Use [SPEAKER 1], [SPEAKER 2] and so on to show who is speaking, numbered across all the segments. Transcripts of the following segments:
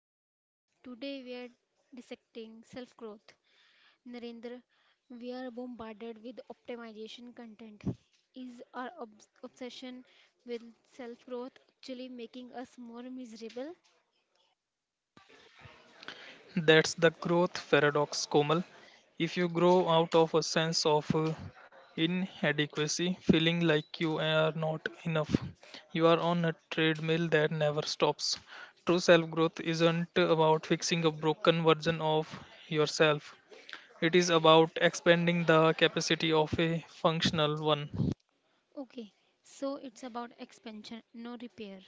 [SPEAKER 1] Komal. Today we are dissecting self growth. Narendra, we are bombarded with optimization content. Is our obsession with self growth actually making us more miserable?
[SPEAKER 2] That's the growth paradox, Komal. If you grow out of a sense of inadequacy, feeling like you are not enough, you are on a treadmill that never stops. True self growth isn't about fixing a broken version of yourself, it is about expanding the capacity of a functional one.
[SPEAKER 1] Okay, so it's about expansion, no repair.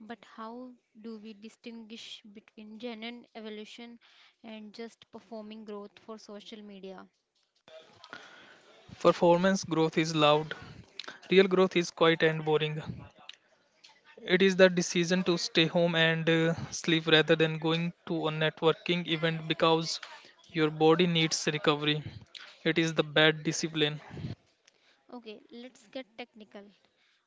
[SPEAKER 1] But how do we distinguish between genuine evolution and just performing growth for social media?
[SPEAKER 2] Performance growth is loud, real growth is quiet and boring. It is the decision to stay home and sleep rather than going to a networking event because your body needs recovery. It is the bad discipline.
[SPEAKER 1] Okay, let's get technical.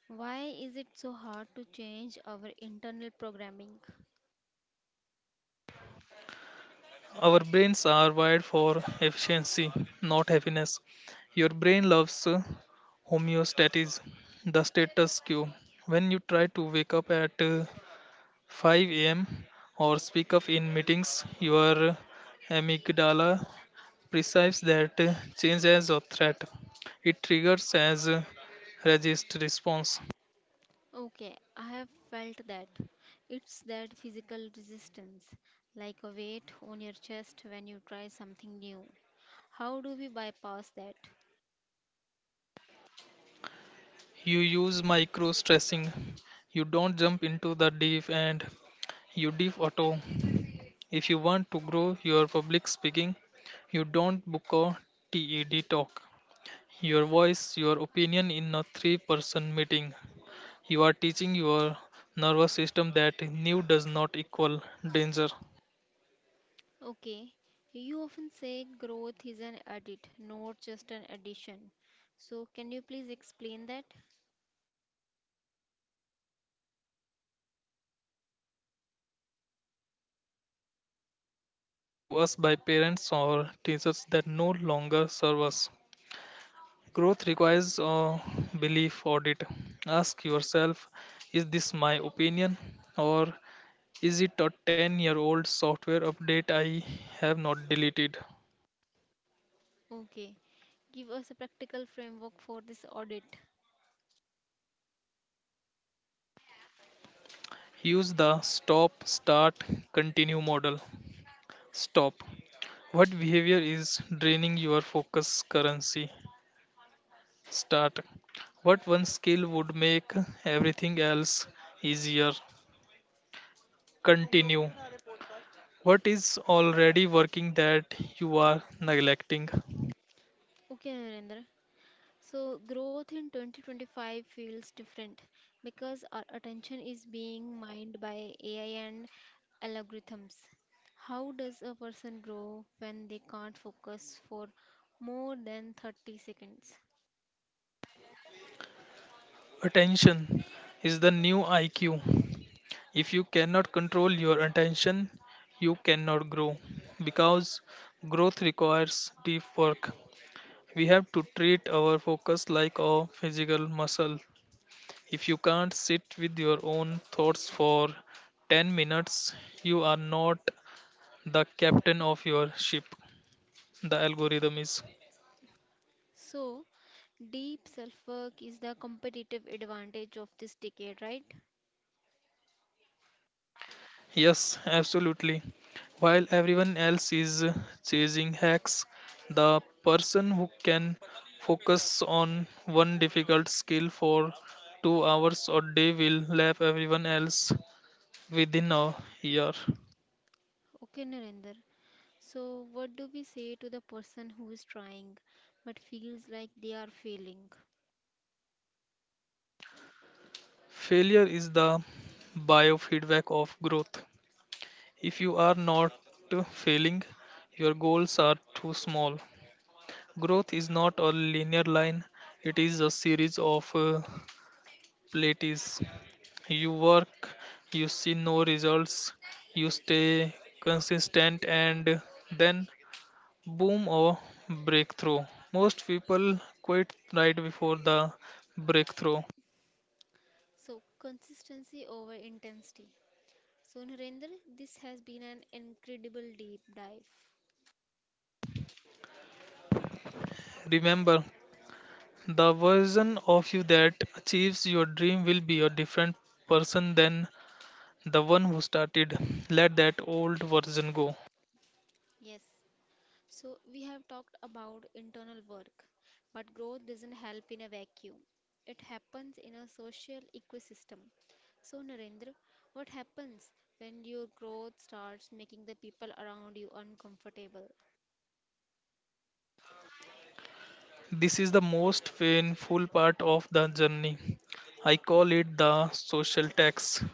[SPEAKER 1] Why is it so hard to change our internal programming?
[SPEAKER 2] Our brains are wired for efficiency, not happiness. Your brain loves homeostasis, the status quo. When you try to wake up at 5 a.m. or speak up in meetings, your amygdala perceives that change as a threat. It triggers as a resist response.
[SPEAKER 1] Okay, I have felt that. It's that physical resistance, like a weight on your chest when you try something new. How do we bypass that?
[SPEAKER 2] You use micro stressing. You don't jump into the deep and you deep auto. If you want to grow your public speaking, you don't book a TED talk. Your voice, your opinion in a three-person meeting. You are teaching your nervous system that new does not equal danger.
[SPEAKER 1] Okay, you often say growth is an edit, not just an addition. So, can you please explain that?
[SPEAKER 2] We all carry legacy beliefs. Ideas given to us by parents or teachers that no longer serve us. Growth requires a belief audit. Ask yourself, is this my opinion or is it a 10-year-old software update I have not deleted?
[SPEAKER 1] Okay, give us a practical framework for this audit.
[SPEAKER 2] Use the stop, start, continue model. Stop. What behavior is draining your focus currency? Start. What one skill would make everything else easier? Continue. What is already working that you are neglecting?
[SPEAKER 1] Okay, Narendra, so, growth in 2025 feels different because our attention is being mined by AI and algorithms. How does a person grow when they can't focus for more than 30 seconds?
[SPEAKER 2] Attention is the new IQ. If you cannot control your attention, you cannot grow because growth requires deep work. We have to treat our focus like a physical muscle. If you can't sit with your own thoughts for 10 minutes, you are not the captain of your ship. The algorithm is.
[SPEAKER 1] So, deep self work is the competitive advantage of this decade, right?
[SPEAKER 2] Yes, absolutely. While everyone else is chasing hacks, the person who can focus on one difficult skill for 2 hours a day will lap everyone else within a year.
[SPEAKER 1] Okay, Narendra. So, what do we say to the person who is trying but feels like they are failing?
[SPEAKER 2] Failure is the biofeedback of growth. If you are not failing, your goals are too small. Growth is not a linear line, it is a series of plateaus. You work, you see no results, you stay consistent, and then boom or breakthrough. Most people quit right before the breakthrough.
[SPEAKER 1] So, consistency over intensity. So, Narendra, this has been an incredible deep dive.
[SPEAKER 2] Remember, the version of you that achieves your dream will be a different person than the one who started. Let that old version go.
[SPEAKER 1] Yes, so, we have talked about internal work, but growth doesn't help in a vacuum. It happens in a social ecosystem. So, Narendra, what happens when your growth starts making the people around you uncomfortable?
[SPEAKER 2] This is the most painful part of the journey. I call it the social tax.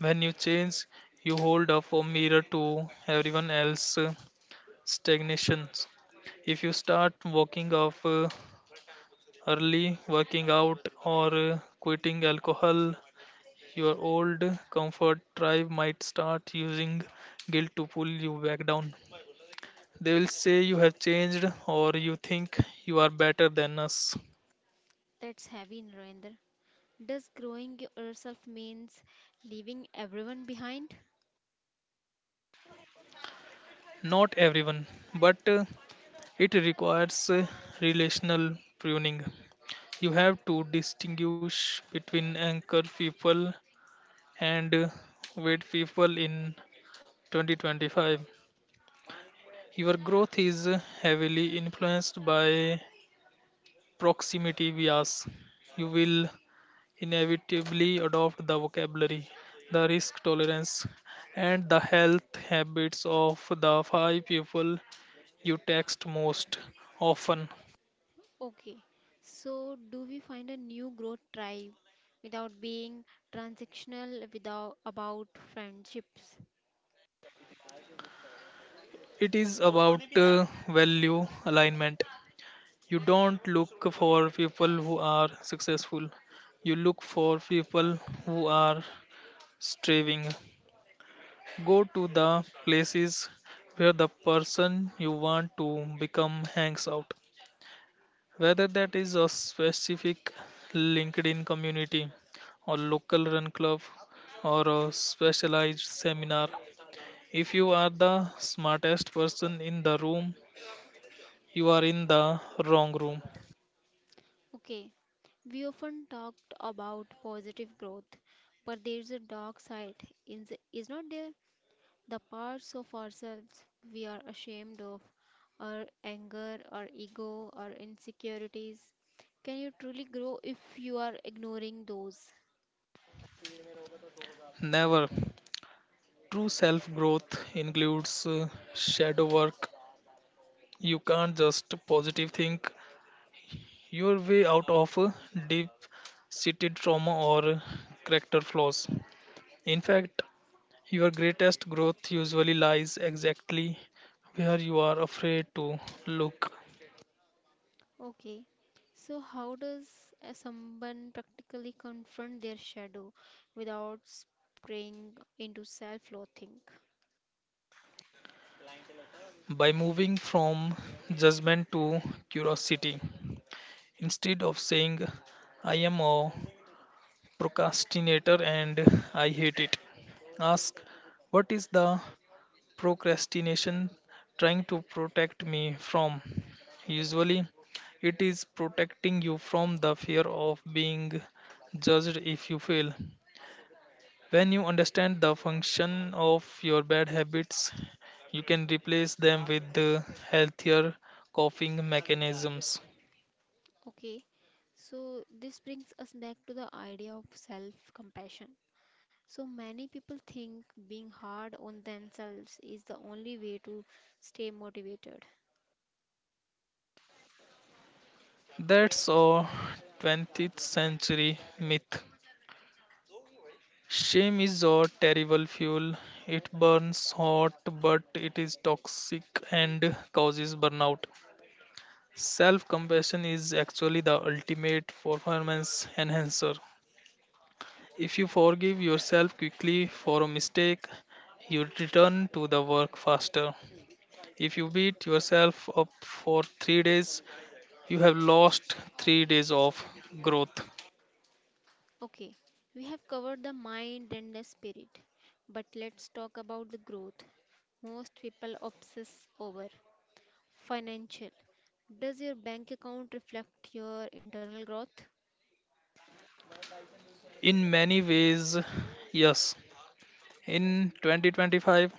[SPEAKER 2] When you change, you hold up a mirror to everyone else's stagnations. If you start walking off early, working out, or quitting alcohol, your old comfort tribe might start using guilt to pull you back down. They will say you have changed or you think you are better than us.
[SPEAKER 1] That's heavy, Narendra. Does growing yourself means leaving everyone behind?
[SPEAKER 2] Not everyone, but it requires relational pruning. You have to distinguish between anchor people and wait people. In 2025, your growth is heavily influenced by proximity bias. You will inevitably adopt the vocabulary, the risk tolerance, and the health habits of the 5 people you text most often.
[SPEAKER 1] Okay, so do we find a new growth tribe without being transactional without about friendships?
[SPEAKER 2] It is about value alignment. You don't look for people who are successful. You look for people who are striving. Go to the places where the person you want to become hangs out. Whether that is a specific LinkedIn community or local run club or a specialized seminar. If you are the smartest person in the room, you are in the wrong room.
[SPEAKER 1] Okay, we often talked about positive growth, but there's a dark side, is not there? The parts of ourselves we are ashamed of, our anger, our ego, our insecurities. Can you truly grow if you are ignoring those?
[SPEAKER 2] Never. True self growth includes shadow work. You can't just positive think your way out of deep seated trauma or character flaws. In fact, your greatest growth usually lies exactly where you are afraid to look.
[SPEAKER 1] Okay, so how does someone practically confront their shadow without straying into self-loathing?
[SPEAKER 2] By moving from judgment to curiosity, instead of saying, "I am a procrastinator and I hate it," ask, "What is the procrastination trying to protect me from?" Usually, it is protecting you from the fear of being judged if you fail. When you understand the function of your bad habits, you can replace them with the healthier coping mechanisms.
[SPEAKER 1] Okay, so this brings us back to the idea of self-compassion. So many people think being hard on themselves is the only way to stay motivated.
[SPEAKER 2] That's a 20th century myth. Shame is a terrible fuel. It burns hot, but it is toxic and causes burnout. Self compassion is actually the ultimate performance enhancer. If you forgive yourself quickly for a mistake, you return to the work faster. If you beat yourself up for 3 days, you have lost 3 days of growth.
[SPEAKER 1] Okay, we have covered the mind and the spirit, but let's talk about the growth most people obsess over financial. Does your bank account reflect your internal growth?
[SPEAKER 2] In many ways, yes. In 2025,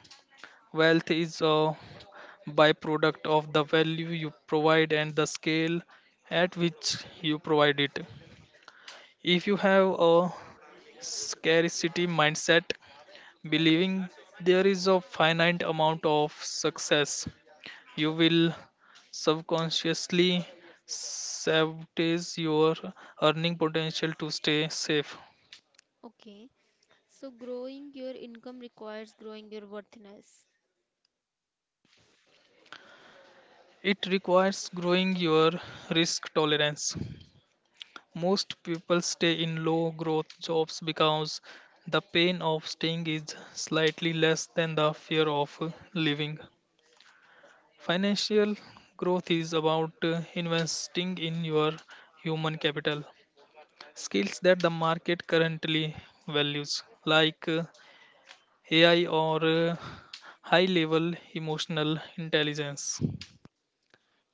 [SPEAKER 2] wealth is a byproduct of the value you provide and the scale at which you provide it. If you have a scarcity mindset, believing there is a finite amount of success, you will subconsciously sabotage your earning potential to stay safe.
[SPEAKER 1] Okay, so growing your income requires growing your worthiness.
[SPEAKER 2] It requires growing your risk tolerance. Most people stay in low growth jobs because the pain of staying is slightly less than the fear of leaving. Financial growth is about investing in your human capital, skills that the market currently values, like AI or high level emotional intelligence.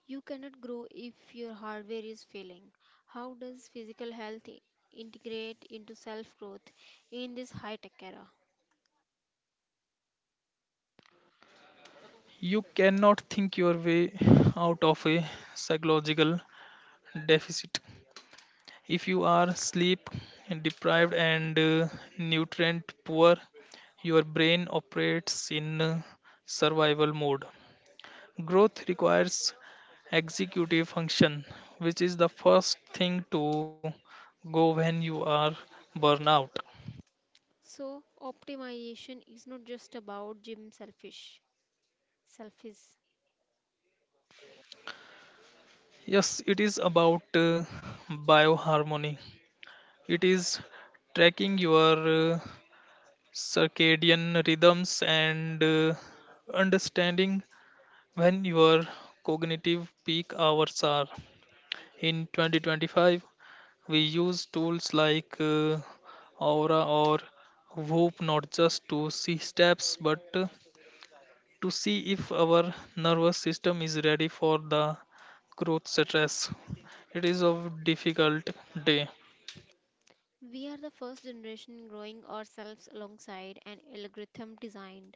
[SPEAKER 1] You cannot grow if your hardware is failing. How does physical health integrate into self growth in this high tech era?
[SPEAKER 2] You cannot think your way out of a psychological deficit. If you are sleep deprived and nutrient poor, your brain operates in survival mode. Growth requires executive function, which is the first thing to go when you are burnout.
[SPEAKER 1] So, optimization is not just about gym selfish, selfish.
[SPEAKER 2] Yes, it is about bioharmony. It is tracking your circadian rhythms and understanding when your cognitive peak hours are. In 2025, we use tools like Aura or Whoop not just to see steps but to see if our nervous system is ready for the growth stress. It is a difficult day.
[SPEAKER 1] We are the first generation growing ourselves alongside an algorithm designed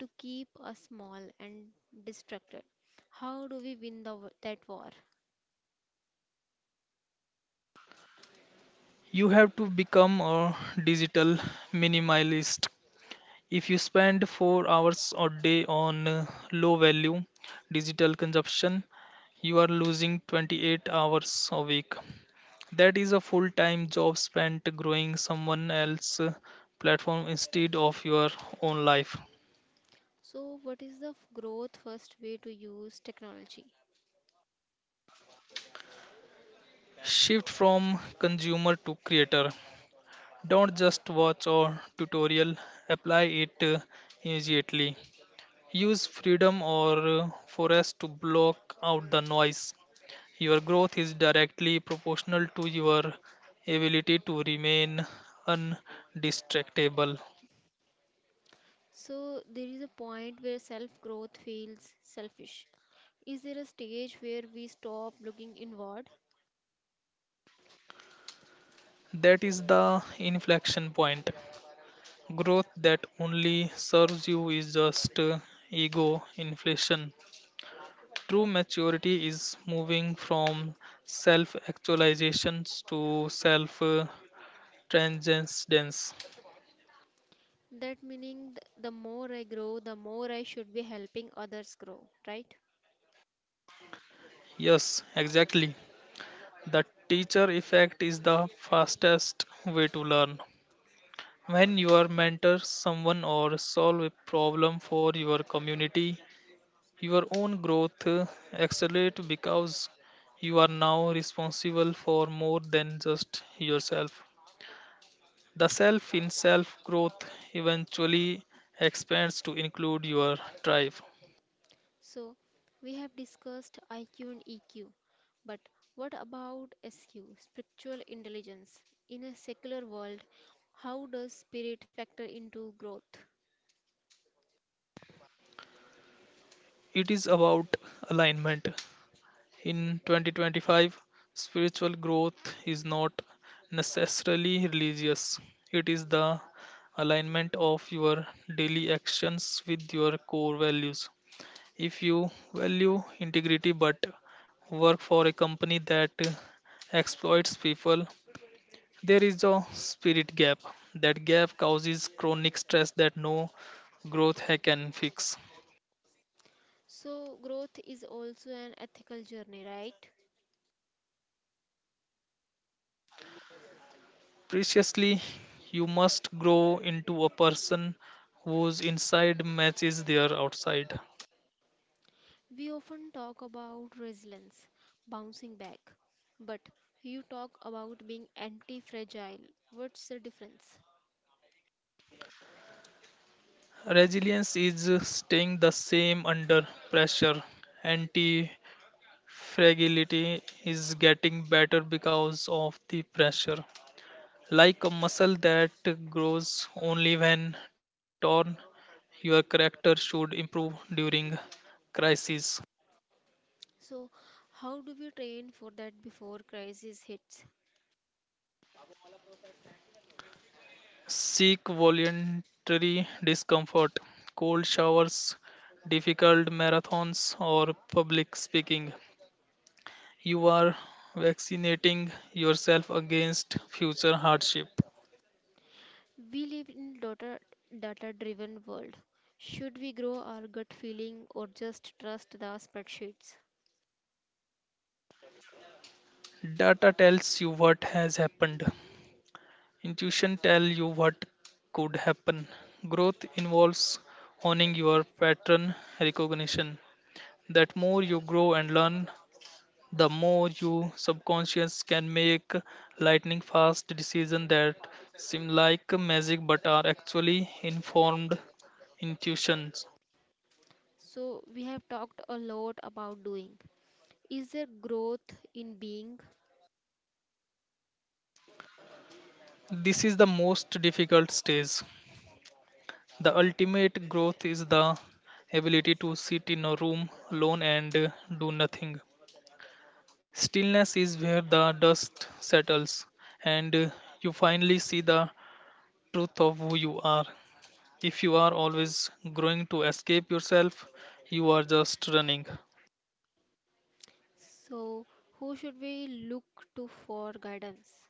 [SPEAKER 1] to keep us small and distracted. How do we win that war?
[SPEAKER 2] You have to become a digital minimalist. If you spend 4 hours a day on low value digital consumption, you are losing 28 hours a week. That is a full time job spent growing someone else's platform instead of your own life.
[SPEAKER 1] So, what is the growth first way to use technology?
[SPEAKER 2] Shift from consumer to creator. Don't just watch a tutorial, apply it immediately. Use freedom or forest to block out the noise. Your growth is directly proportional to your ability to remain undistractable.
[SPEAKER 1] So, there is a point where self growth feels selfish. Is there a stage where we stop looking inward?
[SPEAKER 2] That is the inflection point. Growth that only serves you is just ego inflation. True maturity is moving from self actualizations to self transcendence.
[SPEAKER 1] That meaning, the more I grow, the more I should be helping others grow, right?
[SPEAKER 2] Yes, exactly. The teacher effect is the fastest way to learn. When you are mentor someone or solve a problem for your community, your own growth accelerates because you are now responsible for more than just yourself. The self in self growth eventually expands to include your tribe.
[SPEAKER 1] So, we have discussed IQ and EQ, but what about SQ, spiritual intelligence? In a secular world, how does spirit factor into growth?
[SPEAKER 2] It is about alignment. In 2025, spiritual growth is not necessarily religious, it is the alignment of your daily actions with your core values. If you value integrity but work for a company that exploits people, there is a spirit gap. That gap causes chronic stress that no growth hack can fix.
[SPEAKER 1] So, growth is also an ethical journey, right?
[SPEAKER 2] Preciously, you must grow into a person whose inside matches their outside.
[SPEAKER 1] We often talk about resilience, bouncing back, but you talk about being anti fragile. What's the difference?
[SPEAKER 2] Resilience is staying the same under pressure. Anti fragility is getting better because of the pressure. Like a muscle that grows only when torn, your character should improve during crises.
[SPEAKER 1] So, how do we train for that before crisis hits?
[SPEAKER 2] Seek voluntary discomfort, cold showers, difficult marathons, or public speaking. You are vaccinating yourself against future hardship.
[SPEAKER 1] We live in data driven world. Should we grow our gut feeling or just trust the spreadsheets?
[SPEAKER 2] Data tells you what has happened. Intuition tells you what could happen. Growth involves owning your pattern recognition. That more you grow and learn, the more you subconscious can make lightning fast decisions that seem like magic but are actually informed intuitions.
[SPEAKER 1] So we have talked a lot about doing. Is there growth in being?
[SPEAKER 2] This is the most difficult stage. The ultimate growth is the ability to sit in a room alone and do nothing. Stillness is where the dust settles and you finally see the truth of who you are. If you are always growing to escape yourself, you are just running.
[SPEAKER 1] So who should we look to for guidance?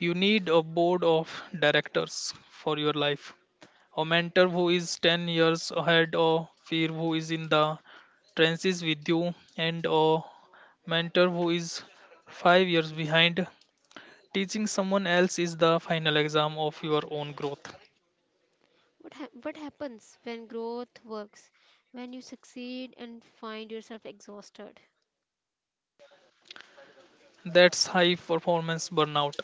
[SPEAKER 2] You need a board of directors for your life, a mentor who is 10 years ahead of fear who is in the trenches with you, and a mentor who is 5 years behind. Teaching someone else is the final exam of your own growth.
[SPEAKER 1] What happens when growth works? When you succeed and find yourself exhausted?
[SPEAKER 2] That's high performance burnout.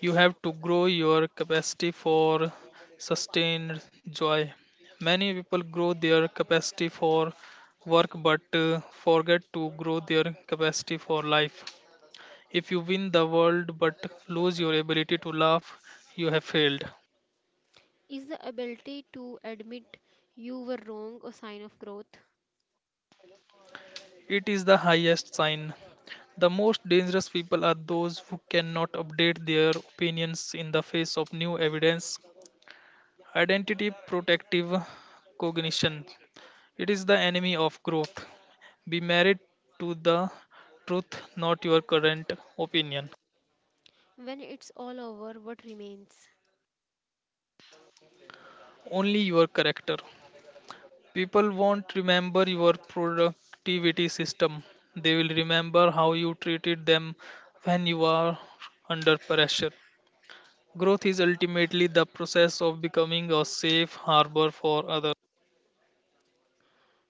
[SPEAKER 2] You have to grow your capacity for sustained joy. Many people grow their capacity for work but forget to grow their capacity for life. If you win the world but lose your ability to laugh, you have failed.
[SPEAKER 1] Is the ability to admit you were wrong a sign of growth?
[SPEAKER 2] It is the highest sign. The most dangerous people are those who cannot update their opinions in the face of new evidence. Identity protective cognition. It is the enemy of growth. Be married to the truth, not your current opinion.
[SPEAKER 1] When it's all over, what remains?
[SPEAKER 2] Only your character. People won't remember your productivity system, they will remember how you treated them when you are under pressure. Growth is ultimately the process of becoming a safe harbor for others.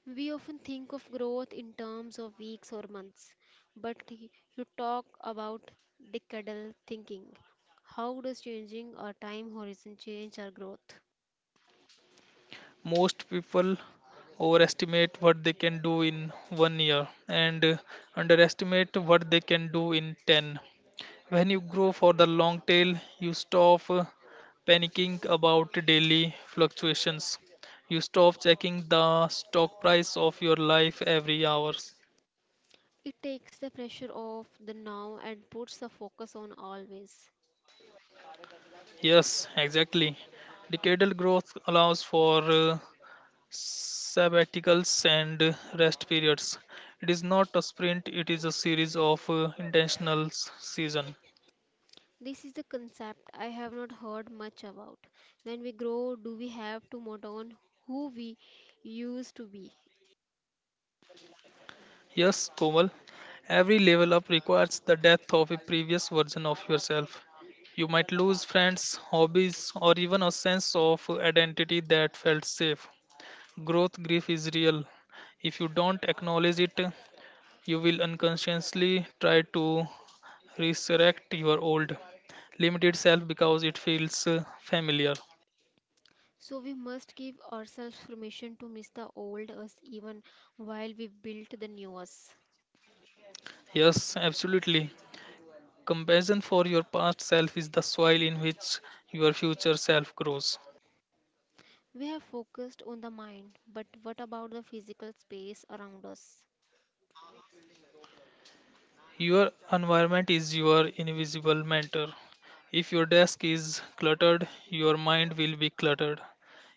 [SPEAKER 1] We often think of growth in terms of weeks or months, but you talk about decadal thinking. How does changing our time horizon change our growth?
[SPEAKER 2] Most people overestimate what they can do in 1 year and underestimate what they can do in 10. When you grow for the long tail, you stop panicking about daily fluctuations. You stop checking the stock price of your life every hour.
[SPEAKER 1] It takes the pressure off the now and puts the focus on always.
[SPEAKER 2] Yes, exactly. Decadal growth allows for sabbaticals and rest periods. It is not a sprint, it is a series of intentional s- season.
[SPEAKER 1] This is the concept I have not heard much about. When we grow, do we have to mourn on who we used to be?
[SPEAKER 2] Yes, Komal, every level up requires the death of a previous version of yourself. You might lose friends, hobbies, or even a sense of identity that felt safe. Growth grief is real. If you don't acknowledge it, you will unconsciously try to resurrect your old, limited self because it feels familiar.
[SPEAKER 1] So we must give ourselves permission to miss the old us even while we build the new us.
[SPEAKER 2] Yes, absolutely. Compassion for your past self is the soil in which your future self grows.
[SPEAKER 1] We have focused on the mind, but what about the physical space around us?
[SPEAKER 2] Your environment is your invisible mentor. If your desk is cluttered, your mind will be cluttered.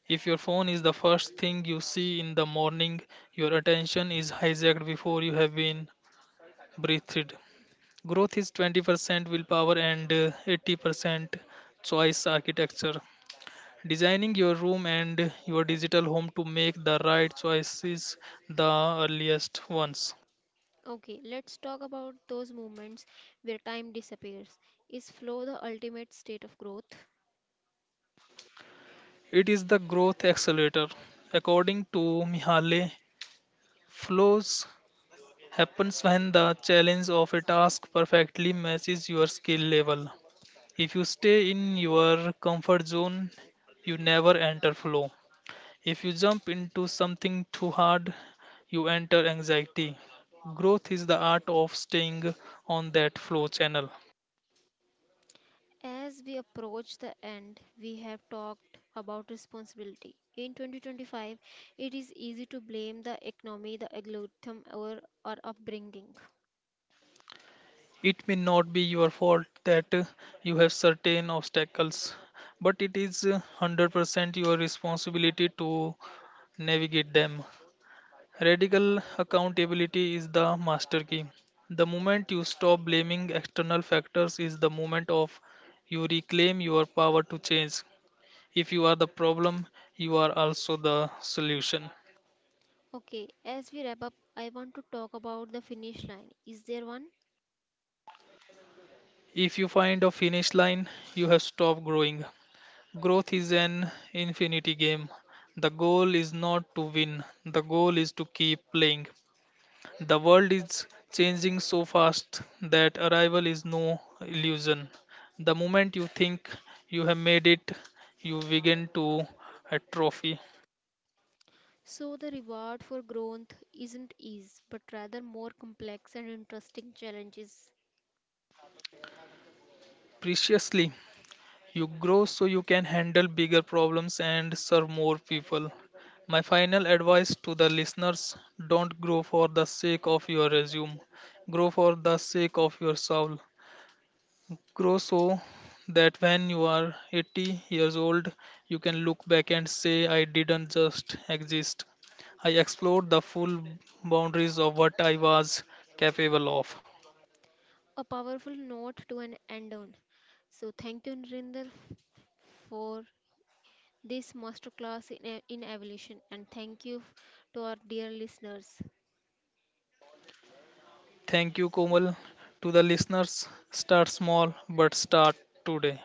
[SPEAKER 2] If your phone is the first thing you see in the morning, your attention is hijacked before you have been breathed. Growth is 20% willpower and 80% choice architecture. Designing your room and your digital home to make the right choices, the earliest ones.
[SPEAKER 1] Okay, let's talk about those moments where time disappears. Is flow the ultimate state of growth?
[SPEAKER 2] It is the growth accelerator. According to Mihaly, flows happens when the challenge of a task perfectly matches your skill level. If you stay in your comfort zone, you never enter flow. If you jump into something too hard, you enter anxiety. Growth is the art of staying on that flow channel.
[SPEAKER 1] As we approach the end, we have talked about responsibility. In 2025, it is easy to blame the economy, the algorithm, or our upbringing.
[SPEAKER 2] It may not be your fault that you have certain obstacles, but it is 100% your responsibility to navigate them. Radical accountability is the master key. The moment you stop blaming external factors is the moment of you reclaim your power to change. If you are the problem, you are also the solution.
[SPEAKER 1] Okay, as we wrap up, I want to talk about the finish line. Is there one?
[SPEAKER 2] If you find a finish line, you have stopped growing. Growth is an infinity game. The goal is not to win, the goal is to keep playing. The world is changing so fast that arrival is no illusion. The moment you think you have made it, you begin to atrophy.
[SPEAKER 1] So the reward for growth isn't ease, but rather more complex and interesting challenges.
[SPEAKER 2] Preciously, you grow so you can handle bigger problems and serve more people. My final advice to the listeners, don't grow for the sake of your resume, grow for the sake of your soul. Grow so that when you are 80 years old, you can look back and say, "I didn't just exist. I explored the full boundaries of what I was capable of."
[SPEAKER 1] A powerful note to an end on. So thank you Nrinder for this masterclass in evolution and thank you to our dear listeners.
[SPEAKER 2] Thank you, Komal. To the listeners, start small but start today.